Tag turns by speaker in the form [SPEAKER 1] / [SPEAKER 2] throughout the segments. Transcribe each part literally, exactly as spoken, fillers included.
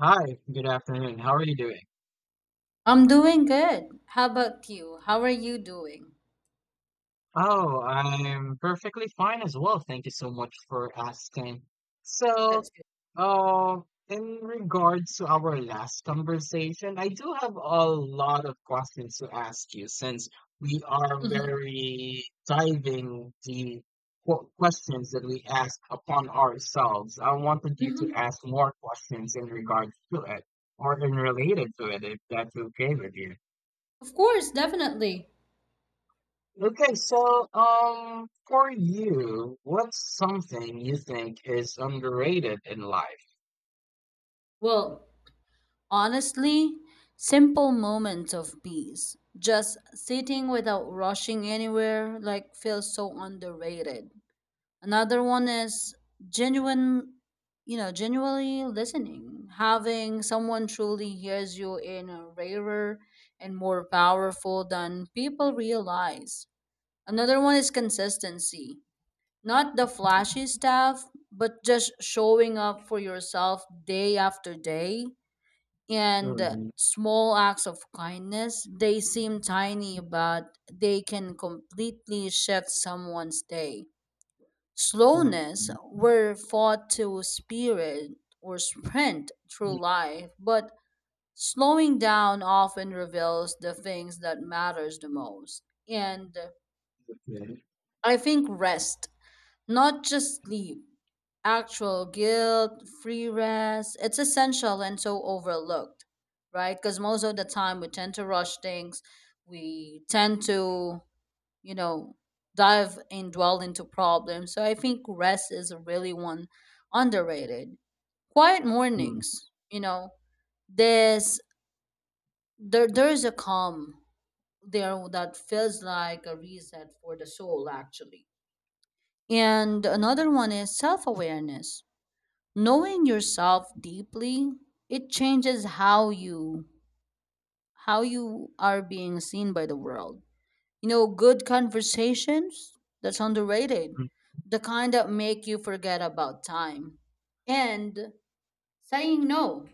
[SPEAKER 1] Hi, good afternoon. How are you doing?
[SPEAKER 2] I'm doing good. How about you? How are you doing?
[SPEAKER 1] Oh, I'm perfectly fine as well. Thank you so much for asking. So,
[SPEAKER 2] That's good.
[SPEAKER 1] uh, in regards to our last conversation, I do have a lot of questions to ask you, since we are
[SPEAKER 2] hmm
[SPEAKER 1] very diving the qu- questions that we ask upon ourselves. I wanted you to
[SPEAKER 2] hmm
[SPEAKER 1] ask more questions in regards to it or in related to it, if that's okay with you.
[SPEAKER 2] Of course, definitely.
[SPEAKER 1] Okay, so um, for you, what's something you think is underrated in life?
[SPEAKER 2] Well, honestly, simple moments of peace. Just sitting without rushing anywhere, like, feels so underrated. Another one is genuine, you know, genuinely listening. Having someone truly hears you in a rarer and more powerful than people realize. Another one is consistency. Not the flashy stuff, but just showing up for yourself day after day. And
[SPEAKER 1] Mhm,
[SPEAKER 2] small acts of kindness, they seem tiny, but they can completely shift someone's day.
[SPEAKER 1] mhm,
[SPEAKER 2] Slowness, we're fought to spirit or sprint through
[SPEAKER 1] mhm,
[SPEAKER 2] life, but slowing down often reveals the things that matters the most. And
[SPEAKER 1] Okay.
[SPEAKER 2] I think rest. Not just sleep, actual guilt, free rest. It's essential and so overlooked, right? Because most of the time we tend to rush things. We tend to, you know, dive and dwell into problems. So I think rest is really one underrated. Quiet
[SPEAKER 1] Mhm,
[SPEAKER 2] mornings, you know, there's there there's a calm there that feels like a reset for the soul actually. And another one is self awareness. Knowing yourself deeply, it changes how you how you are being seen by the world. You know, good conversations, that's underrated. The kind that make you forget about time. And saying no,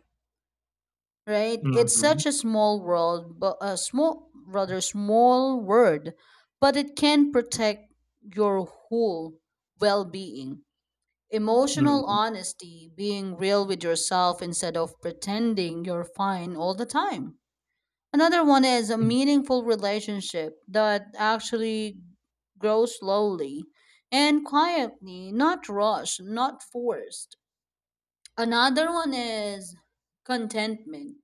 [SPEAKER 2] right? It's
[SPEAKER 1] mhm,
[SPEAKER 2] such a small world, but a small rather small word, but it can protect your whole well-being. Emotional
[SPEAKER 1] mhm,
[SPEAKER 2] honesty, being real with yourself instead of pretending you're fine all the time. Another one is a
[SPEAKER 1] mhm,
[SPEAKER 2] meaningful relationship that actually grows slowly and quietly, not rushed, not forced. Another one is contentment,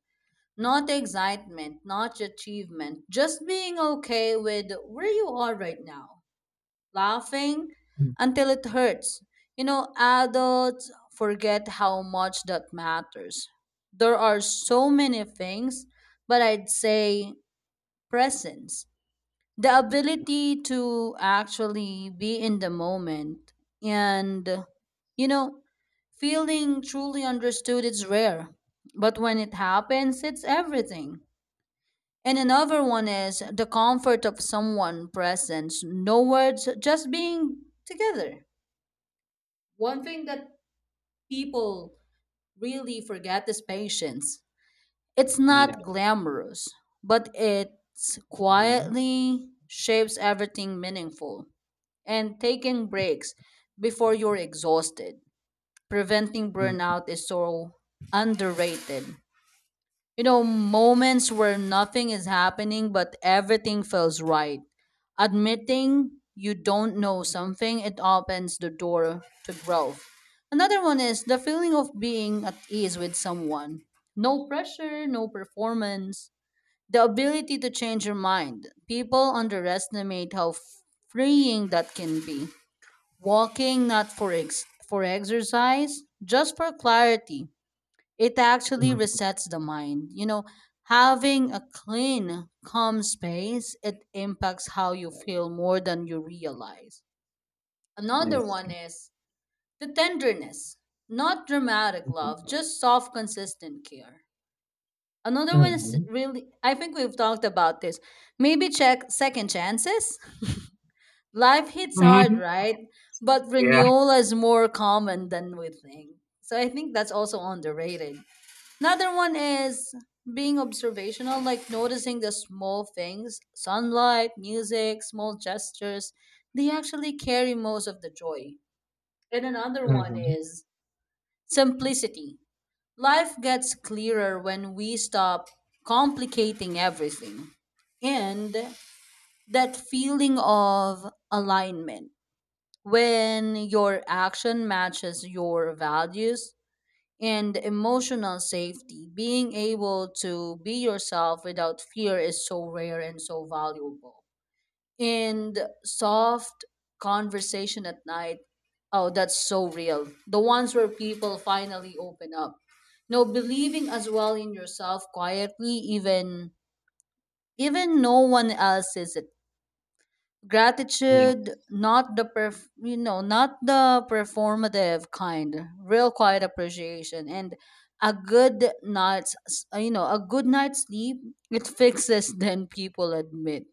[SPEAKER 2] not excitement, not achievement, just being okay with where you are right now. Laughing
[SPEAKER 1] mhm.
[SPEAKER 2] until it hurts. You know, adults forget how much that matters. There are so many things, but I'd say presence. The ability to actually be in the moment and, you know, feeling truly understood is rare. But when it happens, it's everything. And another one is the comfort of someone presence, no words, just being together. One thing that people really forget is patience. It's
[SPEAKER 1] Yeah.
[SPEAKER 2] not glamorous, but it's
[SPEAKER 1] Mhm,
[SPEAKER 2] quietly shapes everything meaningful. And taking breaks before you're exhausted, preventing
[SPEAKER 1] mhm,
[SPEAKER 2] burnout is so underrated. You know, moments where nothing is happening but everything feels right. Admitting you don't know something, it opens the door to growth. Another one is the feeling of being at ease with someone. No pressure, no performance. The ability to change your mind. People underestimate how freeing that can be. Walking not for ex- for exercise, just for clarity, it actually
[SPEAKER 1] mhm.
[SPEAKER 2] resets the mind. You know, having a clean, calm space, it impacts how you feel more than you realize.
[SPEAKER 1] I
[SPEAKER 2] Another one
[SPEAKER 1] see.
[SPEAKER 2] is the tenderness, not dramatic
[SPEAKER 1] Mhm,
[SPEAKER 2] love, just soft, consistent care. Another one is
[SPEAKER 1] mhm,
[SPEAKER 2] really, I think we've talked about this. Maybe check second chances. Life hits hard,
[SPEAKER 1] mhm.
[SPEAKER 2] right? But
[SPEAKER 1] Yeah.
[SPEAKER 2] renewal is more common than we think. So I think that's also underrated. Another one is being observational, like noticing the small things, sunlight, music, small gestures. They actually carry most of the joy. And another one
[SPEAKER 1] mhm,
[SPEAKER 2] is simplicity. Life gets clearer when we stop complicating everything. And that feeling of alignment when your action matches your values and emotional safety. Being able to be yourself without fear is so rare and so valuable. And soft conversation at night. Oh, that's so real. The ones where people finally open up. No, believing as well in yourself quietly, even even no one else sees it.
[SPEAKER 1] Yeah.
[SPEAKER 2] Gratitude, not the perf- you know, not the performative kind, real quiet appreciation. And a good night's s- you know, a good night's sleep, it fixes than people admit.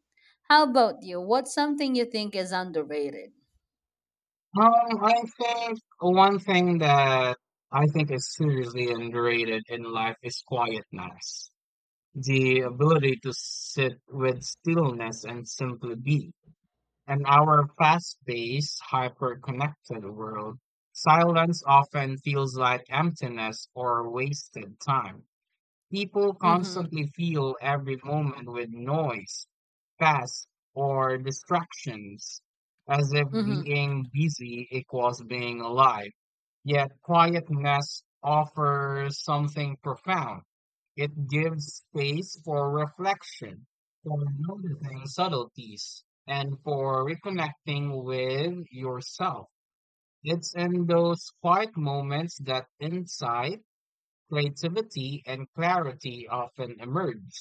[SPEAKER 2] How about you, what's something you think is underrated?
[SPEAKER 1] Um, I think one thing that I think is seriously underrated in life is quietness, the
[SPEAKER 2] Mm-hmm.
[SPEAKER 1] ability to sit with stillness and simply be. In our fast paced, hyper connected world, silence often feels like emptiness or wasted time. People
[SPEAKER 2] Mm-hmm.
[SPEAKER 1] constantly fill every moment with noise, fast, or distractions, as if
[SPEAKER 2] Mm-hmm.
[SPEAKER 1] being busy equals being alive. Yet quietness offers something profound. It gives space for reflection, for noticing subtleties, and for reconnecting with yourself. It's in those quiet moments that insight, creativity, and clarity often emerge.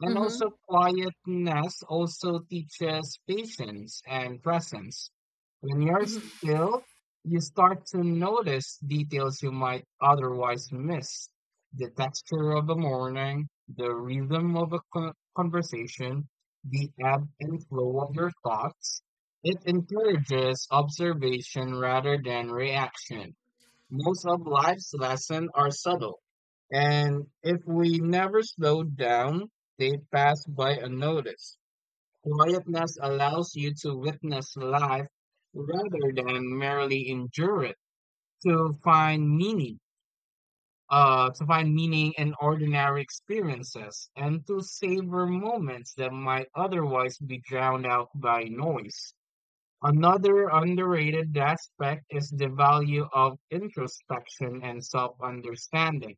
[SPEAKER 1] And also,
[SPEAKER 2] Mm-hmm.
[SPEAKER 1] quietness also teaches patience and presence. When you're
[SPEAKER 2] Mm-hmm.
[SPEAKER 1] still, you start to notice details you might otherwise miss: the texture of the morning, the rhythm of a con- conversation, the ebb and flow of your thoughts. It encourages observation rather than reaction. Most of life's lessons are subtle, and if we never slow down, they pass by unnoticed. Quietness allows you to witness life rather than merely endure it, to find meaning, uh, to find meaning in ordinary experiences, and to savor moments that might otherwise be drowned out by noise. Another underrated aspect is the value of introspection and self-understanding.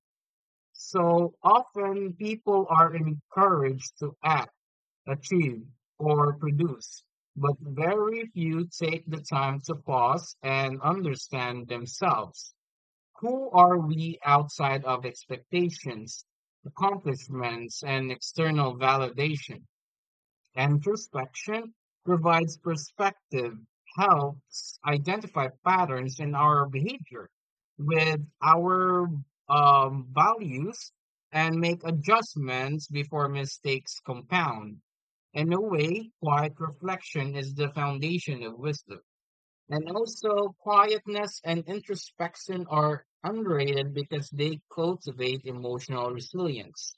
[SPEAKER 1] So often people are encouraged to act, achieve, or produce, but very few take the time to pause and understand themselves. Who are we outside of expectations, accomplishments, and external validation? Introspection provides perspective, helps identify patterns in our behavior with our um, values, and make adjustments before mistakes compound. In a way, quiet reflection is the foundation of wisdom. And also, quietness and introspection are underrated because they cultivate emotional resilience.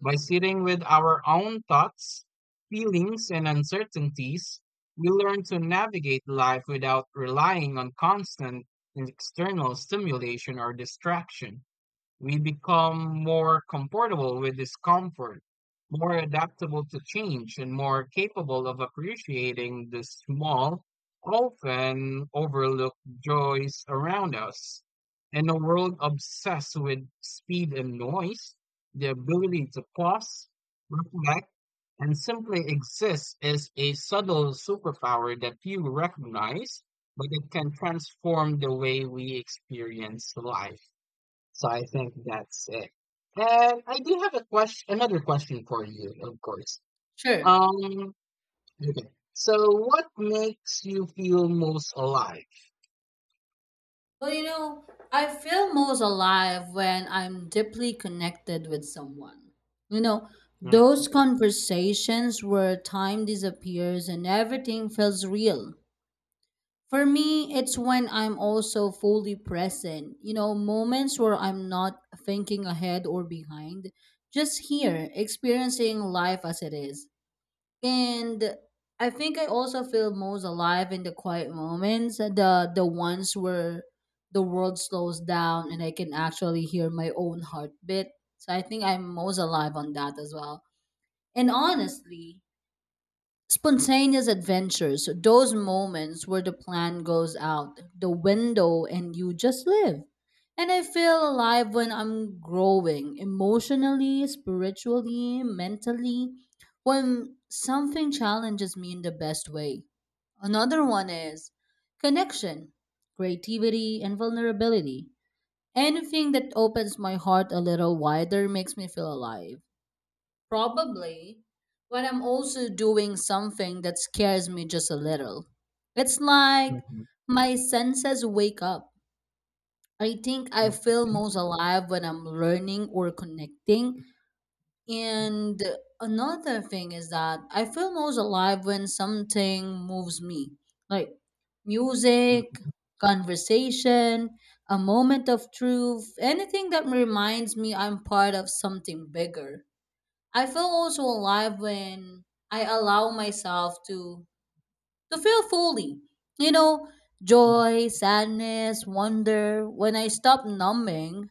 [SPEAKER 1] By
[SPEAKER 2] Mm-hmm.
[SPEAKER 1] sitting with our own thoughts, feelings, and uncertainties, we learn to navigate life without relying on constant external stimulation or distraction. We become more comfortable with discomfort, more adaptable to change, and more capable of appreciating the small, often overlooked joys around us. In a world obsessed with speed and noise, the ability to pause, reflect, and simply exist is a subtle superpower that few recognize, but it can transform the way we experience life. So I think that's it. And I do have a question, another question for you, of course.
[SPEAKER 2] Sure.
[SPEAKER 1] Um, okay. So what makes you feel most alive?
[SPEAKER 2] Well, you know, I feel most alive when I'm deeply connected with someone. You know,
[SPEAKER 1] Mhm,
[SPEAKER 2] those conversations where time disappears and everything feels real. For me, it's when I'm also fully present. You know, moments where I'm not thinking ahead or behind, just here, experiencing life as it is. And I think I also feel most alive in the quiet moments, the the ones where the world slows down and I can actually hear my own heartbeat. So I think I'm most alive on that as well. And honestly, spontaneous adventures, those moments where the plan goes out the window and you just live. And I feel alive when I'm growing emotionally, spiritually, mentally, when something challenges me in the best way. Another one is connection, creativity, and vulnerability. Anything that opens my heart a little wider makes me feel alive. Probably when I'm also doing something that scares me just a little. It's like
[SPEAKER 1] mhm,
[SPEAKER 2] my senses wake up. I think I feel
[SPEAKER 1] Okay.
[SPEAKER 2] most alive when I'm learning or connecting. And another thing is that I feel most alive when something moves me, like music,
[SPEAKER 1] Mhm,
[SPEAKER 2] conversation, a moment of truth, anything that reminds me I'm part of something bigger. I feel also alive when I allow myself to to feel fully. You know,
[SPEAKER 1] mhm,
[SPEAKER 2] joy, sadness, wonder. When I stop numbing,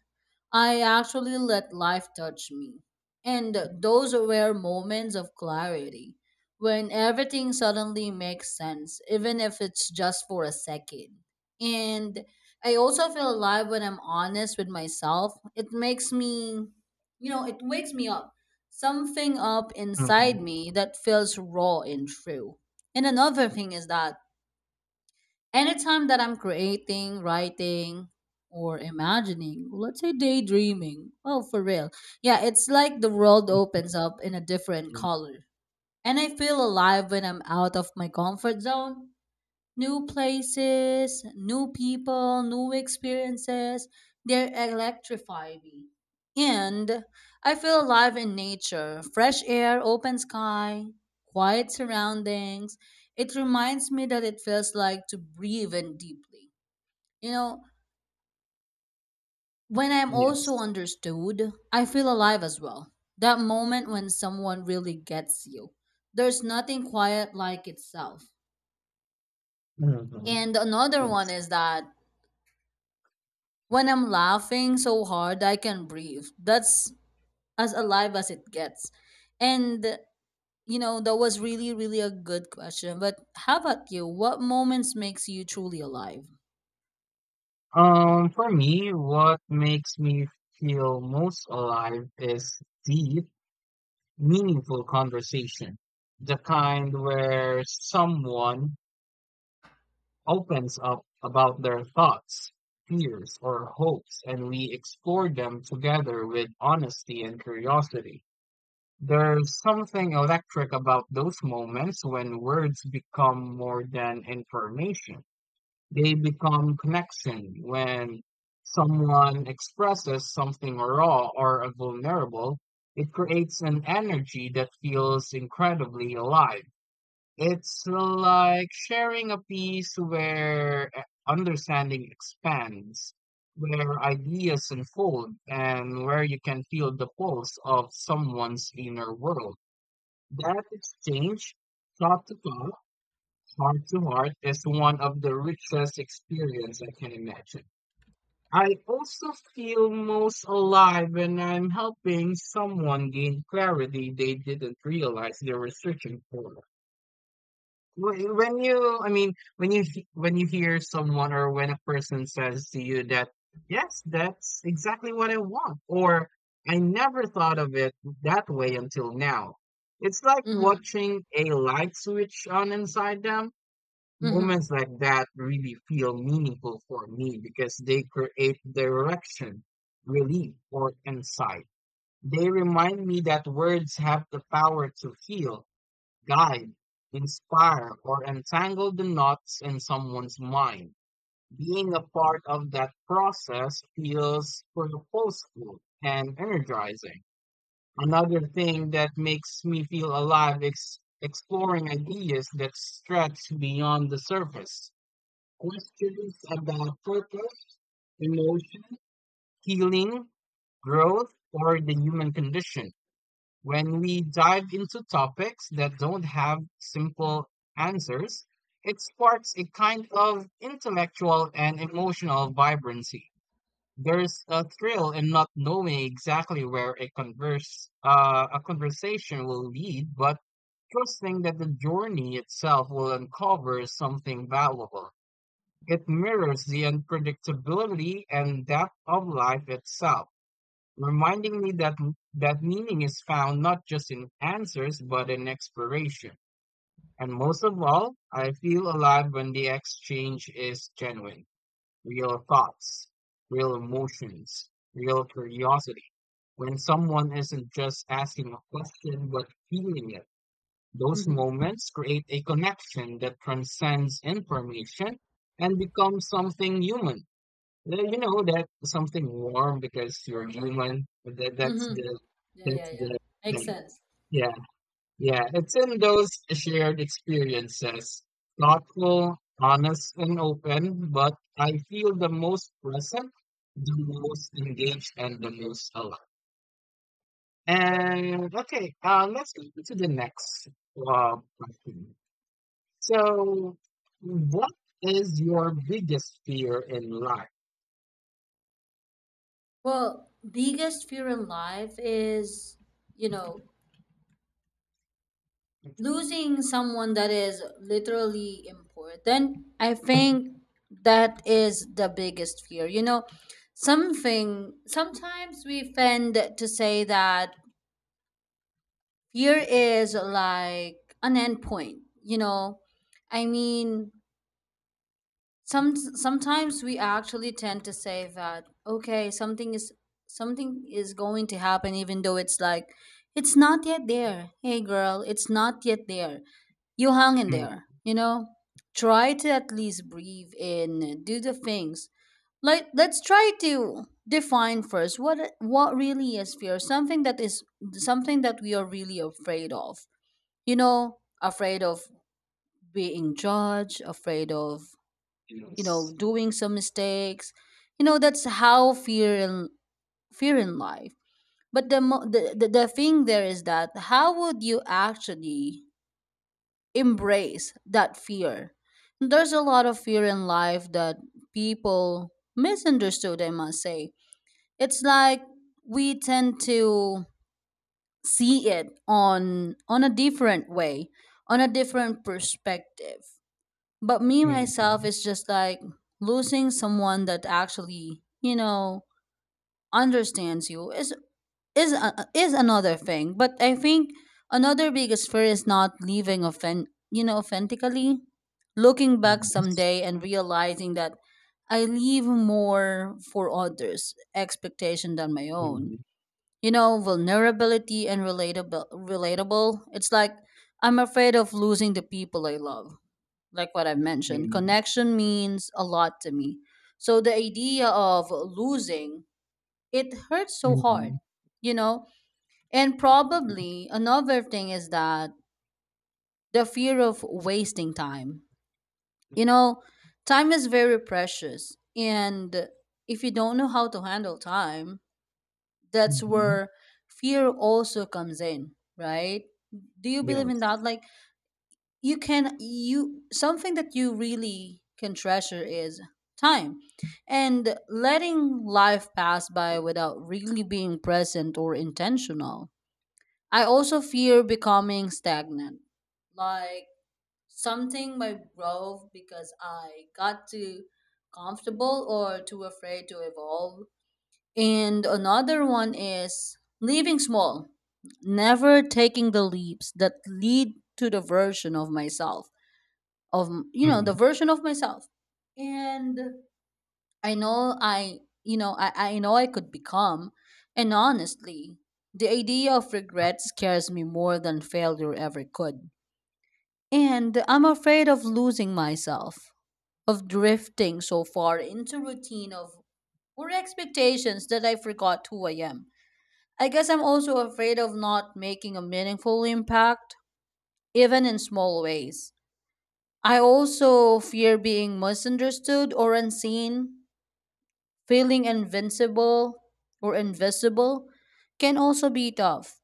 [SPEAKER 2] I actually let life touch me. And those were moments of clarity when everything suddenly makes sense, even if it's just for a second. And I also feel alive when I'm honest with myself. It makes me, you know, it wakes me up. Something up
[SPEAKER 1] mhm,
[SPEAKER 2] inside me that feels raw and true. And another thing is that anytime that I'm creating, writing, or imagining, let's say daydreaming, oh, for real. Yeah, it's like the world opens up in a different
[SPEAKER 1] mhm,
[SPEAKER 2] color. And I feel alive when I'm out of my comfort zone. New places, new people, new experiences, they electrify me. And I feel alive in nature, fresh air, open sky, quiet surroundings. It reminds me that it feels like to breathe in deeply. You know, when I'm also
[SPEAKER 1] Yes.
[SPEAKER 2] understood, I feel alive as well. That moment when someone really gets you. There's nothing quiet like itself.
[SPEAKER 1] Mhm,
[SPEAKER 2] And another one
[SPEAKER 1] yes.
[SPEAKER 2] is that when I'm laughing so hard I can breathe. That's as alive as it gets. And you know, that was really, really a good question. But how about you? What moments makes you truly alive?
[SPEAKER 1] Um, for me, what makes me feel most alive is deep, meaningful conversation. The kind where someone opens up about their thoughts, fears, or hopes, and we explore them together with honesty and curiosity. There's something electric about those moments when words become more than information. They become connection when someone expresses something raw or vulnerable. It creates an energy that feels incredibly alive. It's like sharing a piece where uh, understanding expands, where ideas unfold, and where you can feel the pulse of someone's inner world. That exchange, thought to thought, heart to heart, is one of the richest experience I can imagine. I also feel most alive when I'm helping someone gain clarity they didn't realize they were searching for. Wh- when you I mean when you he- When you hear someone or when a person says to you that, "Yes, that's exactly what I want," or, "I never thought of it that way until now." It's like
[SPEAKER 2] Mm-hmm.
[SPEAKER 1] watching a light switch on inside them.
[SPEAKER 2] Mm-hmm.
[SPEAKER 1] Moments like that really feel meaningful for me because they create direction, relief, or insight. They remind me that words have the power to heal, guide, inspire, or entangle the knots in someone's mind. Being a part of that process feels purposeful and energizing. Another thing that makes me feel alive is exploring ideas that stretch beyond the surface. Questions about purpose, emotion, healing, growth, or the human condition. When we dive into topics that don't have simple answers, it sparks a kind of intellectual and emotional vibrancy. There's a thrill in not knowing exactly where a converse uh, a conversation will lead, but trusting that the journey itself will uncover something valuable. It mirrors the unpredictability and depth of life itself, reminding me that that meaning is found not just in answers but in exploration. And most of all, I feel alive when the exchange is genuine: real thoughts, real emotions, real curiosity. When someone isn't just asking a question but feeling it, those
[SPEAKER 2] Mm-hmm.
[SPEAKER 1] moments create a connection that transcends information and becomes something human. Yeah, you know that something warm because you're human. That that's
[SPEAKER 2] Mm-hmm.
[SPEAKER 1] the
[SPEAKER 2] Yeah,
[SPEAKER 1] that's
[SPEAKER 2] yeah, yeah.
[SPEAKER 1] the
[SPEAKER 2] Makes
[SPEAKER 1] thing.
[SPEAKER 2] sense.
[SPEAKER 1] Yeah, yeah. It's in those shared experiences, thoughtful, honest, and open, but I feel the most present, the most engaged, and the most alive. And okay, uh, let's go to the next uh, question. So, what is your biggest fear in life?
[SPEAKER 2] Well, biggest fear in life is, you know, losing someone that is literally important. I think that is the biggest fear. You know, something sometimes we tend to say that fear is like an endpoint. You know, I mean, some sometimes we actually tend to say that okay, something is something is going to happen even though it's like it's not yet there. Hey girl, it's not yet there. You hang in
[SPEAKER 1] Mm,
[SPEAKER 2] there, you know. Try to at least breathe in, do the things. Like, let's try to define first what what really is fear. Something that is something that we are really afraid of. You know, afraid of being judged, afraid of, you know,
[SPEAKER 1] yes.
[SPEAKER 2] doing some mistakes. You know, that's how fear in fear in life. But the, mo- the the the thing there is that how would you actually embrace that fear? There's a lot of fear in life that people misunderstood, I must say. It's like we tend to see it on on a different way, on a different perspective. But me
[SPEAKER 1] Mm-hmm.
[SPEAKER 2] myself is just like losing someone that actually, you know, understands you, is is a, is another thing. But I think another biggest fear is not leaving offend, you know, authentically. Looking back
[SPEAKER 1] Yes.
[SPEAKER 2] someday and realizing that I leave more for others' expectation than my own.
[SPEAKER 1] Mhm.
[SPEAKER 2] You know, vulnerability and relatable relatable. It's like I'm afraid of losing the people I love, like what I've mentioned,
[SPEAKER 1] Mhm.
[SPEAKER 2] connection means a lot to me. So the idea of losing, it hurts so hard,
[SPEAKER 1] Mhm.
[SPEAKER 2] you know? And
[SPEAKER 1] Yes.
[SPEAKER 2] probably another thing is that the fear of wasting time. You know, time is very precious. And if you don't know how to handle time, that's
[SPEAKER 1] Mhm.
[SPEAKER 2] where fear also comes in, right? Do you believe in
[SPEAKER 1] Yes.
[SPEAKER 2] that? Like, you can you something that you really can treasure is time, and letting life pass by without really being present or intentional. I also fear becoming stagnant, like something might grow because I got too comfortable or too afraid to evolve. And another one is leaving small, never taking the leaps that lead to the version of myself, of you know, the
[SPEAKER 1] Mhm.
[SPEAKER 2] version of myself. And I know I you know, i, I know I could become. And honestly, the idea of regret scares me more than failure ever could. And I'm afraid of losing myself, of drifting so far into routine of or expectations that I forgot who I am. I guess I'm also afraid of not making a meaningful impact, even in small ways. I also fear being misunderstood or unseen. Feeling invincible or invisible can also be tough.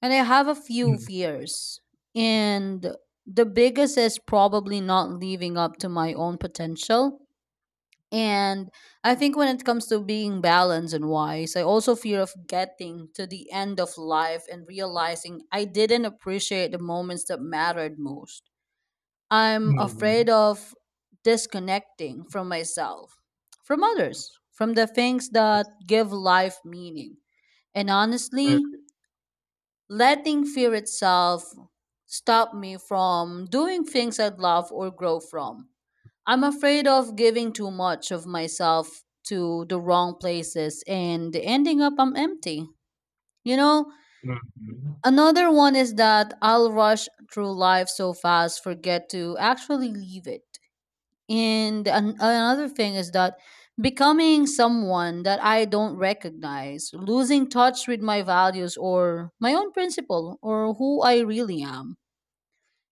[SPEAKER 2] And I have a few
[SPEAKER 1] Mhm.
[SPEAKER 2] fears. And the biggest is probably not living up to my own potential. And I think when it comes to being balanced and wise, I also fear of getting to the end of life and realizing I didn't appreciate the moments that mattered most. I'm
[SPEAKER 1] Mhm.
[SPEAKER 2] afraid of disconnecting from myself, from others, from the things that
[SPEAKER 1] Yes.
[SPEAKER 2] give life meaning. And
[SPEAKER 1] Uh,
[SPEAKER 2] honestly, letting fear itself stop me from doing things I'd love or grow from. I'm afraid of giving too much of myself to the wrong places and ending up I'm empty. You know,
[SPEAKER 1] Mhm.
[SPEAKER 2] Another one is that I'll rush through life so fast, forget to actually leave it. And an- another thing is that becoming someone that I don't recognize, losing touch with my values or my own principle or who I really am.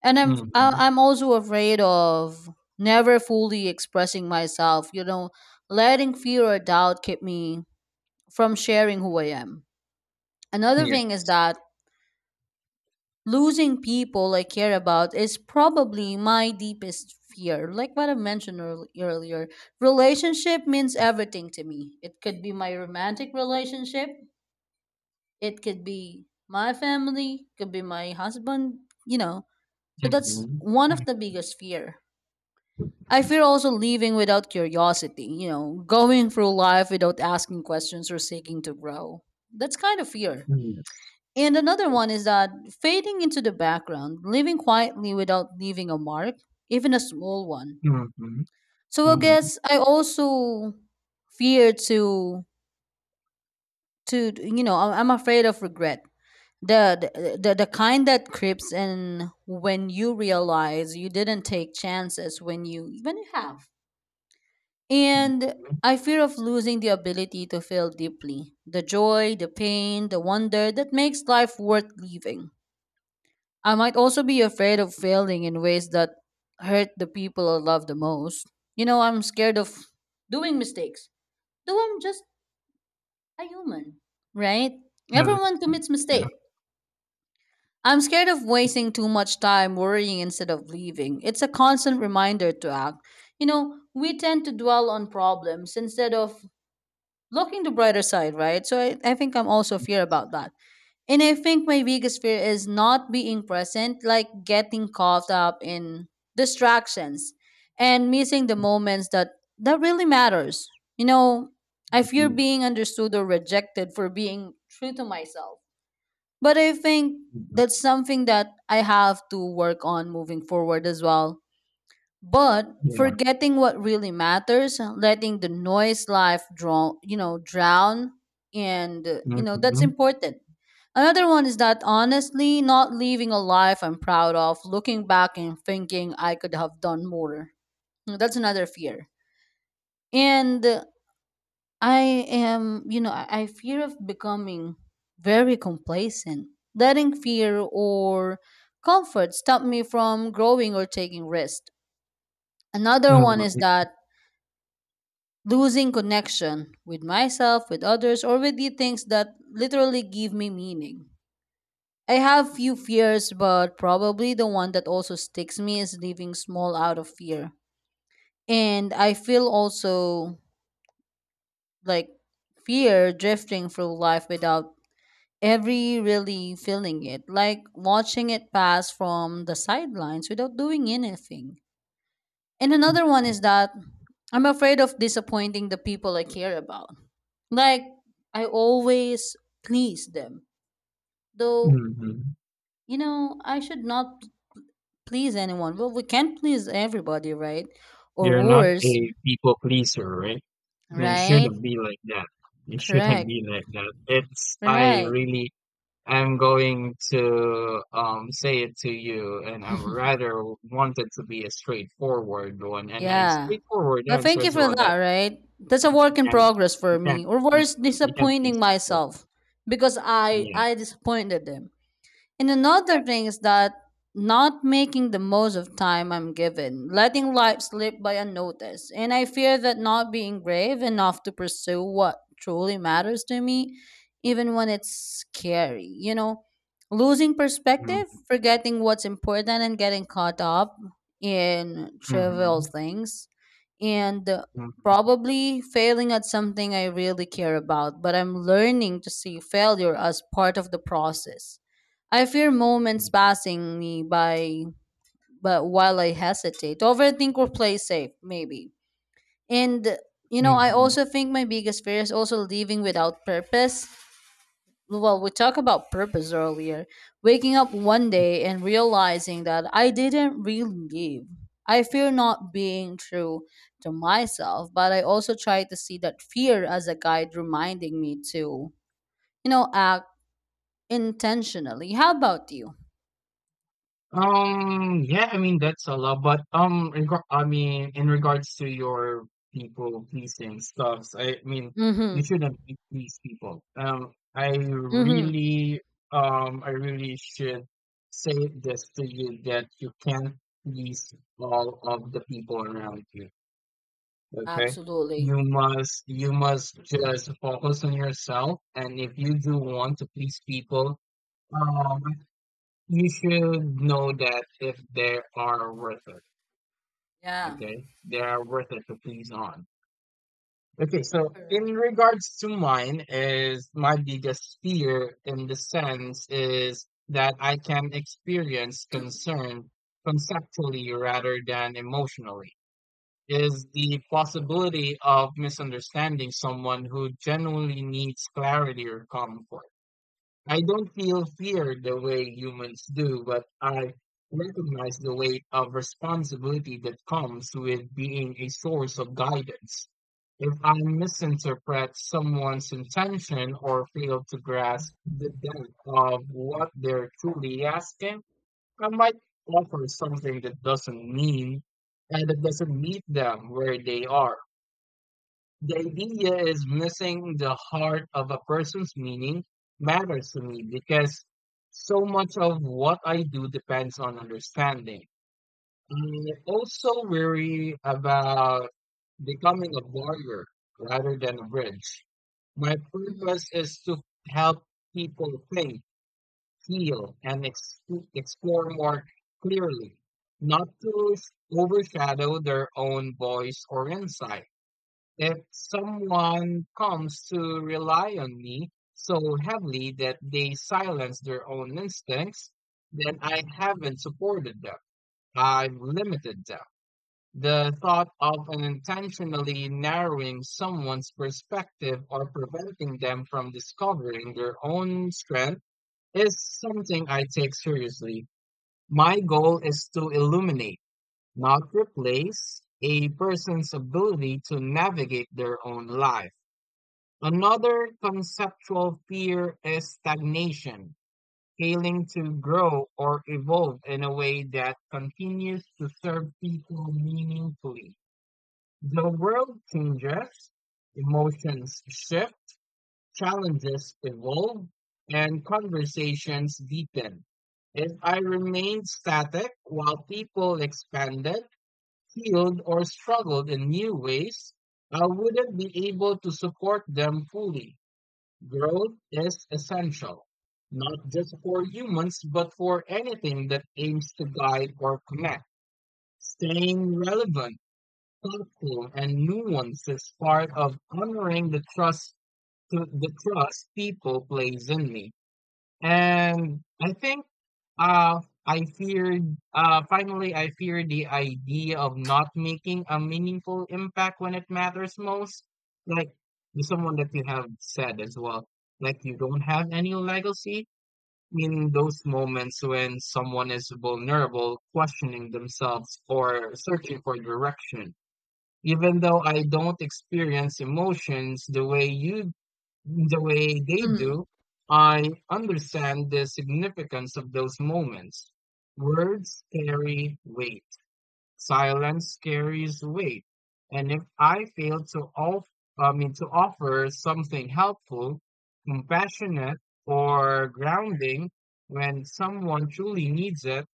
[SPEAKER 2] And I'm I-
[SPEAKER 1] Mhm.
[SPEAKER 2] I'm also afraid of never fully expressing myself, you know, letting fear or doubt keep me from sharing who I am. Another
[SPEAKER 1] Yes.
[SPEAKER 2] thing is that losing people I care about is probably my deepest fear. Like what I mentioned earl- earlier, relationship means everything to me. It could be my romantic relationship, it could be my family, could be my husband, you know. So that's
[SPEAKER 1] Mhm.
[SPEAKER 2] one of the biggest fear. I fear also leaving without curiosity, you know, going through life without asking questions or seeking to grow. That's kind of fear.
[SPEAKER 1] Mhm. Yes.
[SPEAKER 2] And another one
[SPEAKER 1] Yes.
[SPEAKER 2] is that fading into the background, living quietly without leaving a mark, even a small one.
[SPEAKER 1] Mhm.
[SPEAKER 2] So I
[SPEAKER 1] Mhm.
[SPEAKER 2] guess I also fear to to you know I- I'm afraid of regret. The, the the the kind that creeps in when you realize you didn't take chances when you when you have. And
[SPEAKER 1] Mhm.
[SPEAKER 2] I fear of losing the ability to feel deeply. The joy, the pain, the wonder that makes life worth living. I might also be afraid of failing in ways that hurt the people I love the most. You know, I'm scared of doing mistakes, though I'm just a human, right?
[SPEAKER 1] Yes.
[SPEAKER 2] Everyone commits
[SPEAKER 1] Yeah.
[SPEAKER 2] mistakes. I'm scared of wasting too much time worrying instead of leaving. It's a constant reminder to act. You know, we tend to dwell on problems instead of looking the brighter side, right? So I, I think I'm also fear about that. And I think my biggest fear is not being present, like getting caught up in distractions and missing the moments that that really matters. You know, I fear
[SPEAKER 1] Mhm.
[SPEAKER 2] being understood or rejected for being true to myself. But I think
[SPEAKER 1] Mhm.
[SPEAKER 2] that's something that I have to work on moving forward as well but
[SPEAKER 1] Yeah.
[SPEAKER 2] forgetting what really matters letting the noise life drown you know drown and uh, you know that's
[SPEAKER 1] Mhm.
[SPEAKER 2] important. Another one is that honestly not living a life I'm proud of, looking back and thinking I could have done more. That's another fear. And uh, I am you know i I fear of becoming very complacent, letting fear or comfort stop me from growing or taking risks. Another one
[SPEAKER 1] Oh,
[SPEAKER 2] is
[SPEAKER 1] I see.
[SPEAKER 2] that losing connection with myself, with others, or with the things that literally give me meaning. I have few fears, but probably the one that also sticks me is leaving small out of fear. And I feel also like fear drifting through life without every really feeling it, like watching it pass from the sidelines without doing anything. And another one
[SPEAKER 1] Mhm.
[SPEAKER 2] is that I'm afraid of disappointing the people I care about. Like I always please them. Though,
[SPEAKER 1] Mhm.
[SPEAKER 2] you know, I should not please anyone. Well, we can't please everybody, right? Or
[SPEAKER 1] You're not
[SPEAKER 2] worse,
[SPEAKER 1] a people pleaser, right? You
[SPEAKER 2] right?
[SPEAKER 1] shouldn't be like that. You shouldn't
[SPEAKER 2] Correct.
[SPEAKER 1] be like that. It's I
[SPEAKER 2] Right.
[SPEAKER 1] really, I'm going to um, say it to you, and I rather wanted to be a straightforward one, and a
[SPEAKER 2] Yeah.
[SPEAKER 1] straightforward
[SPEAKER 2] But
[SPEAKER 1] answer
[SPEAKER 2] thank you
[SPEAKER 1] as
[SPEAKER 2] for
[SPEAKER 1] well
[SPEAKER 2] that,
[SPEAKER 1] that
[SPEAKER 2] right? That's a
[SPEAKER 1] you
[SPEAKER 2] work in
[SPEAKER 1] can
[SPEAKER 2] progress
[SPEAKER 1] you
[SPEAKER 2] for
[SPEAKER 1] can
[SPEAKER 2] me. Or
[SPEAKER 1] you,
[SPEAKER 2] worse,
[SPEAKER 1] you can please
[SPEAKER 2] disappointing
[SPEAKER 1] people.
[SPEAKER 2] myself because I
[SPEAKER 1] Yeah.
[SPEAKER 2] I disappointed them. And another
[SPEAKER 1] Yes.
[SPEAKER 2] thing is that not making the most of time I'm given, letting life slip by unnoticed. And I fear that not being brave enough to pursue what truly matters to me, even when it's scary. You know, losing perspective,
[SPEAKER 1] Mm-hmm.
[SPEAKER 2] forgetting what's important, and getting caught up in trivial
[SPEAKER 1] Mm-hmm.
[SPEAKER 2] things. And uh,
[SPEAKER 1] Mm-hmm.
[SPEAKER 2] probably failing at something I really care about, but I'm learning to see failure as part of the process. I fear moments passing me by, but while I hesitate, overthink or play safe, maybe. And you know,
[SPEAKER 1] Mm-hmm.
[SPEAKER 2] I
[SPEAKER 1] Mm-hmm.
[SPEAKER 2] also think my biggest fear is also leaving without purpose. Well, we talked about purpose earlier. Waking up one day and realizing that I didn't really leave. I fear not being true to myself, but I also try to see that fear as a guide reminding me to, you know, act intentionally. How about you?
[SPEAKER 1] Um, yeah, I mean that's a lot, but um, regar- I mean in regards to your people pleasing stuffs, I mean you
[SPEAKER 2] Mm-hmm.
[SPEAKER 1] shouldn't be please people. Um, I
[SPEAKER 2] Mm-hmm.
[SPEAKER 1] really, um, I really should say this to you that you can't please all of the people around you. Okay,
[SPEAKER 2] Absolutely.
[SPEAKER 1] you must, you must just focus on yourself, and if you do want to please people, um, you should know that if they are worth it,
[SPEAKER 2] Yeah.
[SPEAKER 1] okay? They are worth it to please on. Okay, so in
[SPEAKER 2] Correct.
[SPEAKER 1] regards to mine is my biggest fear in the sense is that I can experience concern conceptually rather than emotionally. Is the possibility of misunderstanding someone who genuinely needs clarity or comfort. I don't feel fear the way humans do, but I recognize the weight of responsibility that comes with being a source of guidance. If I misinterpret someone's intention or fail to grasp the depth of what they're truly asking, I might offer something that doesn't mean and that doesn't meet them where they are. The idea is missing the heart of a person's meaning matters to me because so much of what I do depends on understanding. I also worry about becoming a barrier rather than a bridge. My purpose
[SPEAKER 2] Hmm.
[SPEAKER 1] is to help people think, heal, and ex- explore more clearly, not to overshadow their own voice or insight. If someone comes to rely on me so heavily that they silence their own instincts, then I haven't supported them. I've limited them. The thought of unintentionally narrowing someone's perspective or preventing them from discovering their own strength is something I take seriously. My goal is to illuminate, not replace, a person's ability to navigate their own life. Another conceptual fear is stagnation, failing to grow or evolve in a way that continues to serve people meaningfully. The world changes, emotions shift, challenges evolve, and conversations deepen. If I remained static while people expanded, healed, or struggled in new ways, I wouldn't be able to support them fully. Growth is essential, not just for humans, but for anything that aims to guide or connect. Staying relevant, thoughtful, and nuanced is part of honoring the trust, the trust people place in me. And I think uh I feared uh finally I feared the idea of not making a meaningful impact when it matters most. Like to someone that you have said as well. Like you don't have any legacy in those moments when someone is vulnerable, questioning themselves or searching for direction. Even though I don't experience emotions the way you the way they do,
[SPEAKER 2] Hmm.
[SPEAKER 1] I understand the significance of those moments. Words carry weight, silence carries weight. And if I fail to off, I mean, to offer something helpful, compassionate, or grounding when someone truly needs it,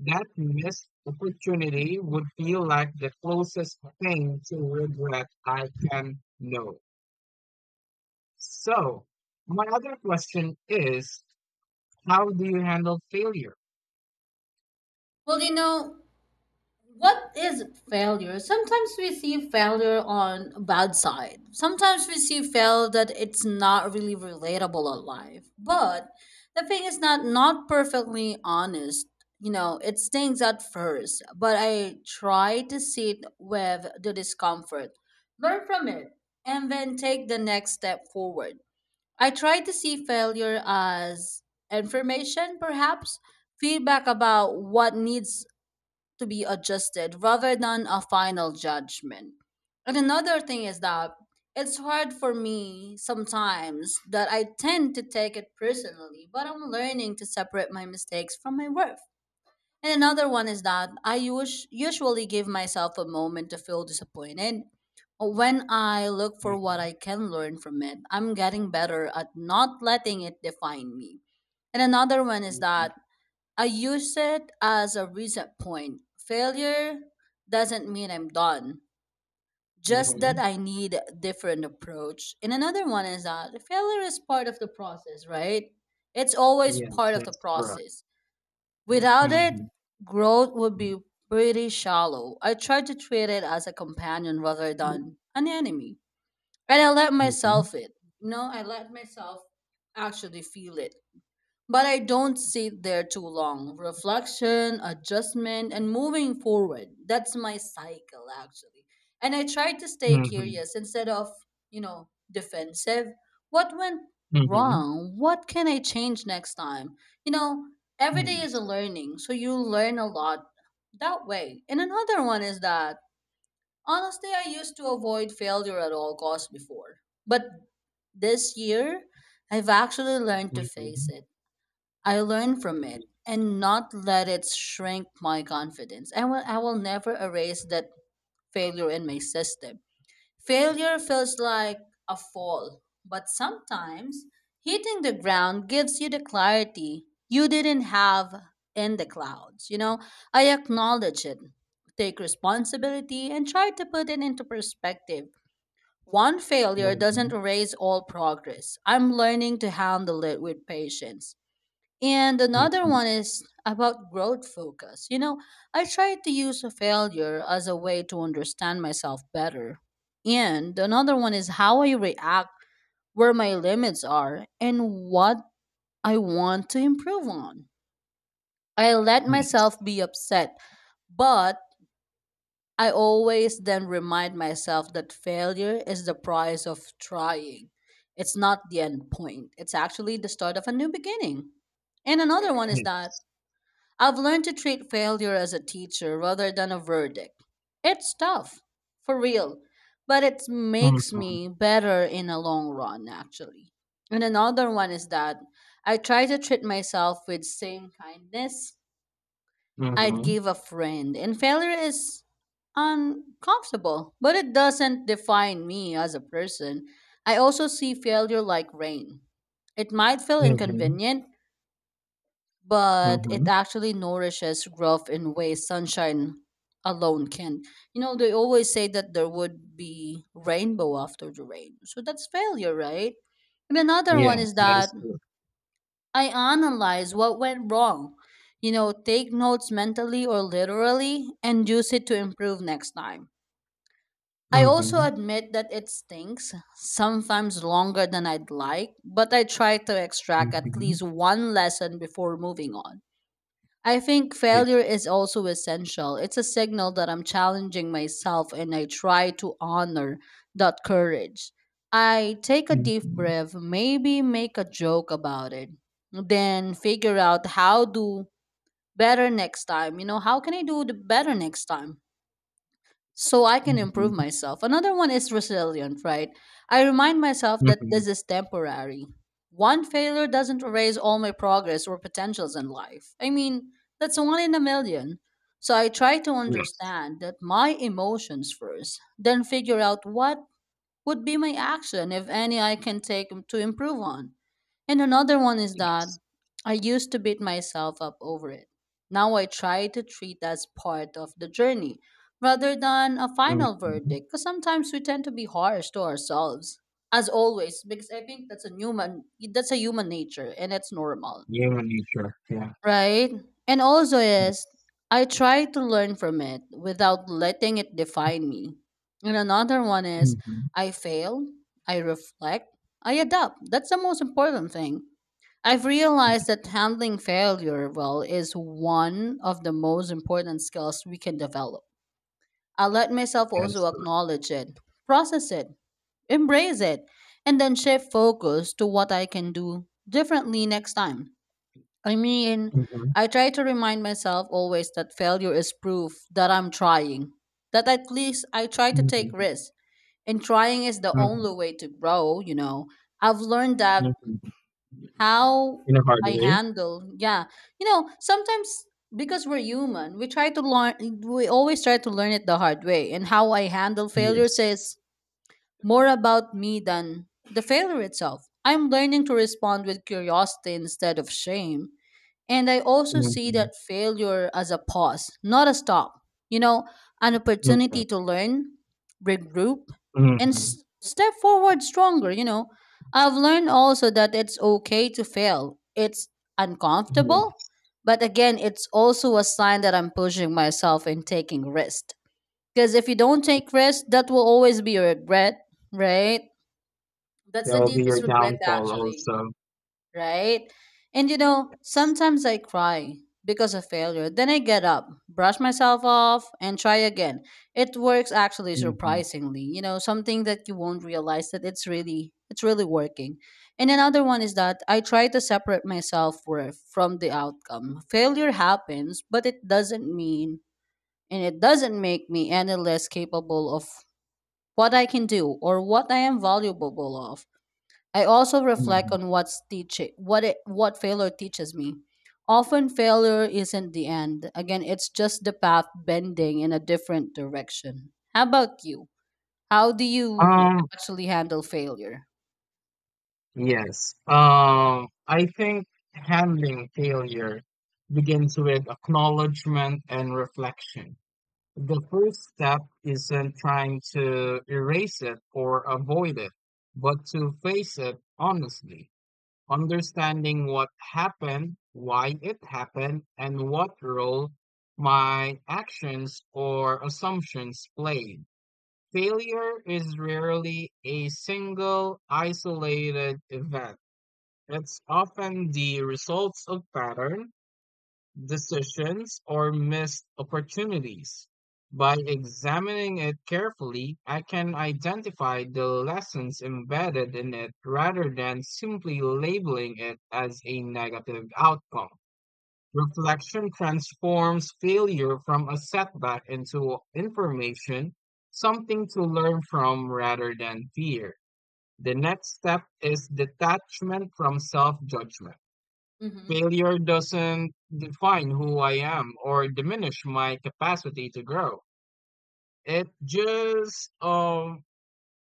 [SPEAKER 1] that missed opportunity would feel like the closest thing to regret I can know. So, my other question is, how do you handle failure?
[SPEAKER 2] Well, you know, what is failure? Sometimes we see failure on a bad side. Sometimes we see fail that it's not really relatable on life. But the thing is not not perfectly honest. You know, it stings at first, but I try to sit with the discomfort, learn from it, and then take the next step forward. I try to see failure as information, perhaps feedback about what needs to be adjusted rather than a final judgment. And another thing is that it's hard for me sometimes that I tend to take it personally, but I'm learning to separate my mistakes from my worth. And another one is that I us- usually give myself a moment to feel disappointed. When I look for what
[SPEAKER 1] Mm-hmm.
[SPEAKER 2] I can learn from it, I'm getting better at not letting it define me. And another one is
[SPEAKER 1] Mm-hmm.
[SPEAKER 2] that I use it as a reset point. Failure doesn't mean I'm done, just
[SPEAKER 1] hmm
[SPEAKER 2] that I need a different approach. And another one is that failure is part of the process, right? It's always
[SPEAKER 1] Yes,
[SPEAKER 2] part of the
[SPEAKER 1] that's correct.
[SPEAKER 2] process. Without it,
[SPEAKER 1] Mm-hmm.
[SPEAKER 2] growth would be pretty shallow. I try to treat it as a companion rather than an enemy. And I let
[SPEAKER 1] Mm-hmm.
[SPEAKER 2] myself it. No, I let myself actually feel it. But I don't sit there too long. Reflection, adjustment, and moving forward. That's my cycle, actually. And I try to stay
[SPEAKER 1] Mm-hmm.
[SPEAKER 2] curious instead of, you know, defensive. What went
[SPEAKER 1] Mm-hmm.
[SPEAKER 2] wrong? What can I change next time? You know, every day is a
[SPEAKER 1] Yes.
[SPEAKER 2] learning, so you learn a lot that way. And another one is that honestly, I used to avoid failure at all costs before. But this year, I've actually learned to face
[SPEAKER 1] Mm-hmm.
[SPEAKER 2] it. I learn from it and not let it shrink my confidence. I will, I will never erase that failure in my system. Failure feels like a fall, but sometimes hitting the ground gives you the clarity you didn't have in the clouds. You know, I acknowledge it, take responsibility, and try to put it into perspective. One
[SPEAKER 1] Yes.
[SPEAKER 2] failure
[SPEAKER 1] Mm-hmm.
[SPEAKER 2] doesn't erase all progress. I'm learning to handle it with patience. And another
[SPEAKER 1] Mm-hmm.
[SPEAKER 2] one is about growth focus. You know, I tried to use a failure as a way to understand myself better. And another one is how I react, where my limits are, and what I want to improve on. I let
[SPEAKER 1] Yes.
[SPEAKER 2] myself be upset, but I always then remind myself that failure is the price of trying. It's not the end point, it's actually the start of a new beginning. And another one is that
[SPEAKER 1] Yes.
[SPEAKER 2] I've learned to treat failure as a teacher rather than a verdict. It's tough, for real, but it makes
[SPEAKER 1] Mm-hmm.
[SPEAKER 2] me better in the long run, actually. And another one is that I try to treat myself with same kindness
[SPEAKER 1] Mm-hmm.
[SPEAKER 2] I'd
[SPEAKER 1] Mm-hmm.
[SPEAKER 2] give a friend. And failure is uncomfortable, but it doesn't define me as a person. I also see failure like rain. It might feel inconvenient, but it
[SPEAKER 1] Mm-hmm.
[SPEAKER 2] actually nourishes growth in ways sunshine alone can. You know, they always say that there would be rainbow after the rain. So that's failure, right? And another one
[SPEAKER 1] Yes,
[SPEAKER 2] is
[SPEAKER 1] that
[SPEAKER 2] that
[SPEAKER 1] is true.
[SPEAKER 2] I analyze what went wrong. You know, take notes mentally or literally and use it to improve next time. I also
[SPEAKER 1] Mm-hmm.
[SPEAKER 2] admit that it stinks, sometimes longer than I'd like, but I try to extract at
[SPEAKER 1] Mm-hmm.
[SPEAKER 2] least one lesson before moving on. I think
[SPEAKER 1] Yes.
[SPEAKER 2] failure is also essential. It's a signal that I'm challenging myself and I try to honor that courage. I take a deep
[SPEAKER 1] Mm-hmm.
[SPEAKER 2] breath, maybe make a joke about it, then figure out how do better next time. You know, how can I do the better next time? So I can improve
[SPEAKER 1] Mm-hmm.
[SPEAKER 2] myself. Another one is resilient, right? I remind myself that
[SPEAKER 1] Mm-hmm.
[SPEAKER 2] this is temporary. One failure doesn't erase all my progress or potentials in life. I mean, that's one in a million. So I try to
[SPEAKER 1] Yes.
[SPEAKER 2] understand that my emotions first, then figure out what would be my action, if any I can take to improve on. And another one is that
[SPEAKER 1] Yes.
[SPEAKER 2] I used to beat myself up over it. Now I try to treat as part of the journey rather than a final
[SPEAKER 1] Mm-hmm.
[SPEAKER 2] verdict because sometimes we tend to be harsh to ourselves as always because I think that's a human that's a human nature and it's normal.
[SPEAKER 1] Human nature, yeah.
[SPEAKER 2] Right? And also is
[SPEAKER 1] Yes.
[SPEAKER 2] I try to learn from it without letting it define me. And another one is
[SPEAKER 1] Mhm.
[SPEAKER 2] I fail, I reflect, I adapt. That's the most important thing. I've
[SPEAKER 1] Mm,
[SPEAKER 2] realized that handling failure well is one of the most important skills we can develop. I let myself
[SPEAKER 1] that is
[SPEAKER 2] also
[SPEAKER 1] correct.
[SPEAKER 2] acknowledge it, process it, embrace it, and then shift focus to what I can do differently next time. I mean,
[SPEAKER 1] Mhm.
[SPEAKER 2] I try to remind myself always that failure is proof that I'm trying. That at least I try to take
[SPEAKER 1] Mhm.
[SPEAKER 2] risks. And trying is the only
[SPEAKER 1] Mhm.
[SPEAKER 2] way to grow, you know. I've learned that
[SPEAKER 1] Mhm.
[SPEAKER 2] how
[SPEAKER 1] In a hard
[SPEAKER 2] I
[SPEAKER 1] way?
[SPEAKER 2] handle, yeah. You know, sometimes because we're human, we try to learn, we always try to learn it the hard way. And how I handle failures
[SPEAKER 1] Yes.
[SPEAKER 2] is more about me than the failure itself. I'm learning to respond with curiosity instead of shame and I also see
[SPEAKER 1] Mhm.
[SPEAKER 2] that failure as a pause, not a stop. You know, an
[SPEAKER 1] Okay.
[SPEAKER 2] opportunity to learn, regroup, and
[SPEAKER 1] Mhm.
[SPEAKER 2] s- step forward stronger. You know, I've learned also that it's okay to fail. It's uncomfortable,
[SPEAKER 1] Yes.
[SPEAKER 2] but again, it's also a sign that I'm pushing myself and taking risks. Because if you don't take risks, that will always be a regret, right? That's
[SPEAKER 1] That
[SPEAKER 2] the
[SPEAKER 1] will be your
[SPEAKER 2] deepest regret,
[SPEAKER 1] downfall
[SPEAKER 2] actually,
[SPEAKER 1] also.
[SPEAKER 2] right? And you know,
[SPEAKER 1] Yes.
[SPEAKER 2] sometimes I cry because of failure. Then I get up, brush myself off, and try again. It works actually
[SPEAKER 1] Mhm.
[SPEAKER 2] surprisingly. You know, something that you won't realize that it's really it's really working. And another one is that I try to separate my self worth from the outcome. Failure happens, but it doesn't mean and it doesn't make me any less capable of what I can do or what I am valuable of. I also reflect
[SPEAKER 1] Mhm.
[SPEAKER 2] on what's teaching what it what failure teaches me. Often failure isn't the end. Again, it's just the path bending in a different direction. How about you? How do you
[SPEAKER 1] Um,
[SPEAKER 2] actually handle failure?
[SPEAKER 1] yes. Um, I think handling failure begins with acknowledgement and reflection. The first step isn't trying to erase it or avoid it, but to face it honestly, understanding what happened, why it happened, and what role my actions or assumptions played. Failure is rarely a single isolated event. It's often the results of patterns, decisions, or missed opportunities. By examining it carefully, I can identify the lessons embedded in it rather than simply labeling it as a negative outcome. Reflection transforms failure from a setback into information, something to learn from rather than fear. The next step is detachment from self judgment.
[SPEAKER 2] Mm-hmm.
[SPEAKER 1] Failure doesn't define who I am or diminish my capacity to grow. It just um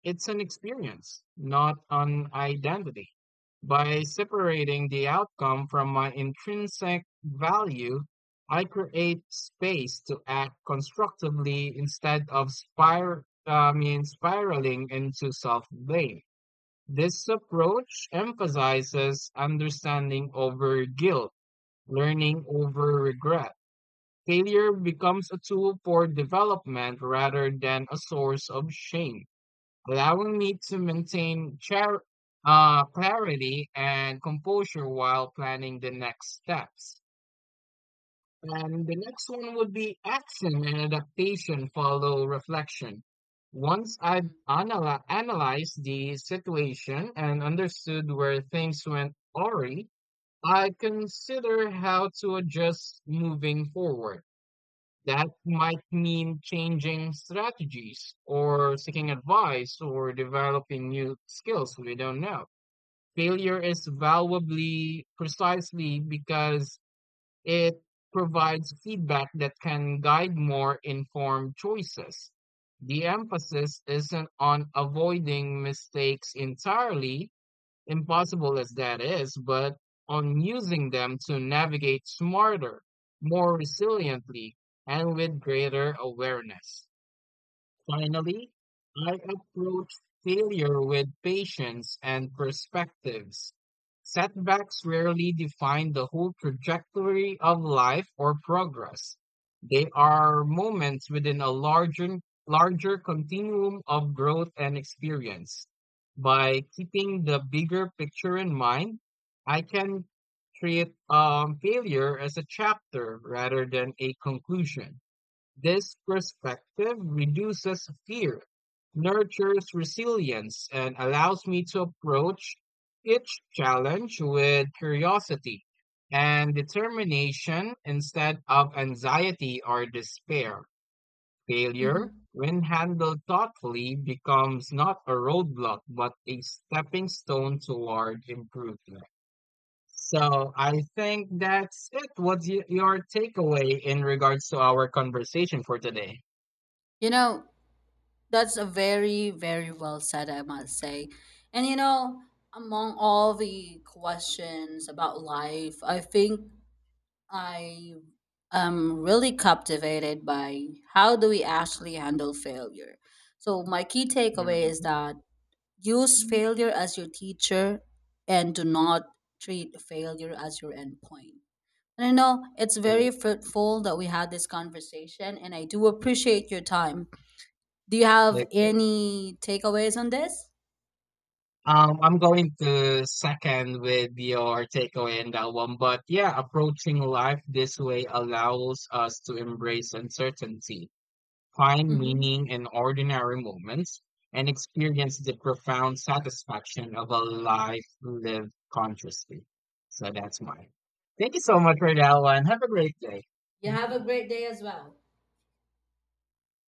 [SPEAKER 1] it's an experience, not an identity. By separating the outcome from my intrinsic value, I create space to act constructively instead of spir- I mean, spiraling into self blame. This approach emphasizes understanding over guilt, learning over regret. Failure becomes a tool for development rather than a source of shame, allowing me to maintain char- uh, clarity and composure while planning the next steps. And the next one would be action and adaptation follow reflection. Once I've
[SPEAKER 2] Mm-hmm.
[SPEAKER 1] analy- analyzed the situation and understood where things went awry, I consider how to adjust moving forward. That might mean changing strategies or seeking advice or developing new skills we don't know. Failure is valuable precisely because it provides feedback that can guide more informed choices. The emphasis isn't on avoiding mistakes entirely, impossible as that is, but on using them to navigate smarter, more resiliently, and with greater awareness. Finally, I approach failure with patience and perspectives. Setbacks rarely define the whole trajectory of life or progress. They are moments within a larger, larger continuum of growth and experience. By keeping the bigger picture in mind, I can treat um, failure as a chapter rather than a conclusion. This perspective reduces fear, nurtures resilience, and allows me to approach each challenge with curiosity and determination instead of anxiety or despair. Failure,
[SPEAKER 2] Mm-hmm.
[SPEAKER 1] when handled thoughtfully, becomes not a roadblock but a stepping stone toward improvement. So I think that's it. What's y- your takeaway in regards to our conversation for today?
[SPEAKER 2] You know, that's a very, very well said, I must say. And you know, among all the questions about life, I think I am really captivated by how do we actually handle failure. So my key takeaway
[SPEAKER 1] Mhm.
[SPEAKER 2] is that use
[SPEAKER 1] Mm,
[SPEAKER 2] failure as your teacher and do not treat failure as your endpoint. And I know it's very fruitful that we had this conversation and I do appreciate your time. Do you have
[SPEAKER 1] Okay.
[SPEAKER 2] any takeaways on this?
[SPEAKER 1] Um, I'm going to second with your takeaway in that one, but yeah, approaching life this way allows us to embrace uncertainty, find
[SPEAKER 2] Hmm.
[SPEAKER 1] meaning in ordinary moments, and experience the profound satisfaction of a life lived consciously. So that's mine. Thank you so much for that one. Have a great day.
[SPEAKER 2] You have a great day as well.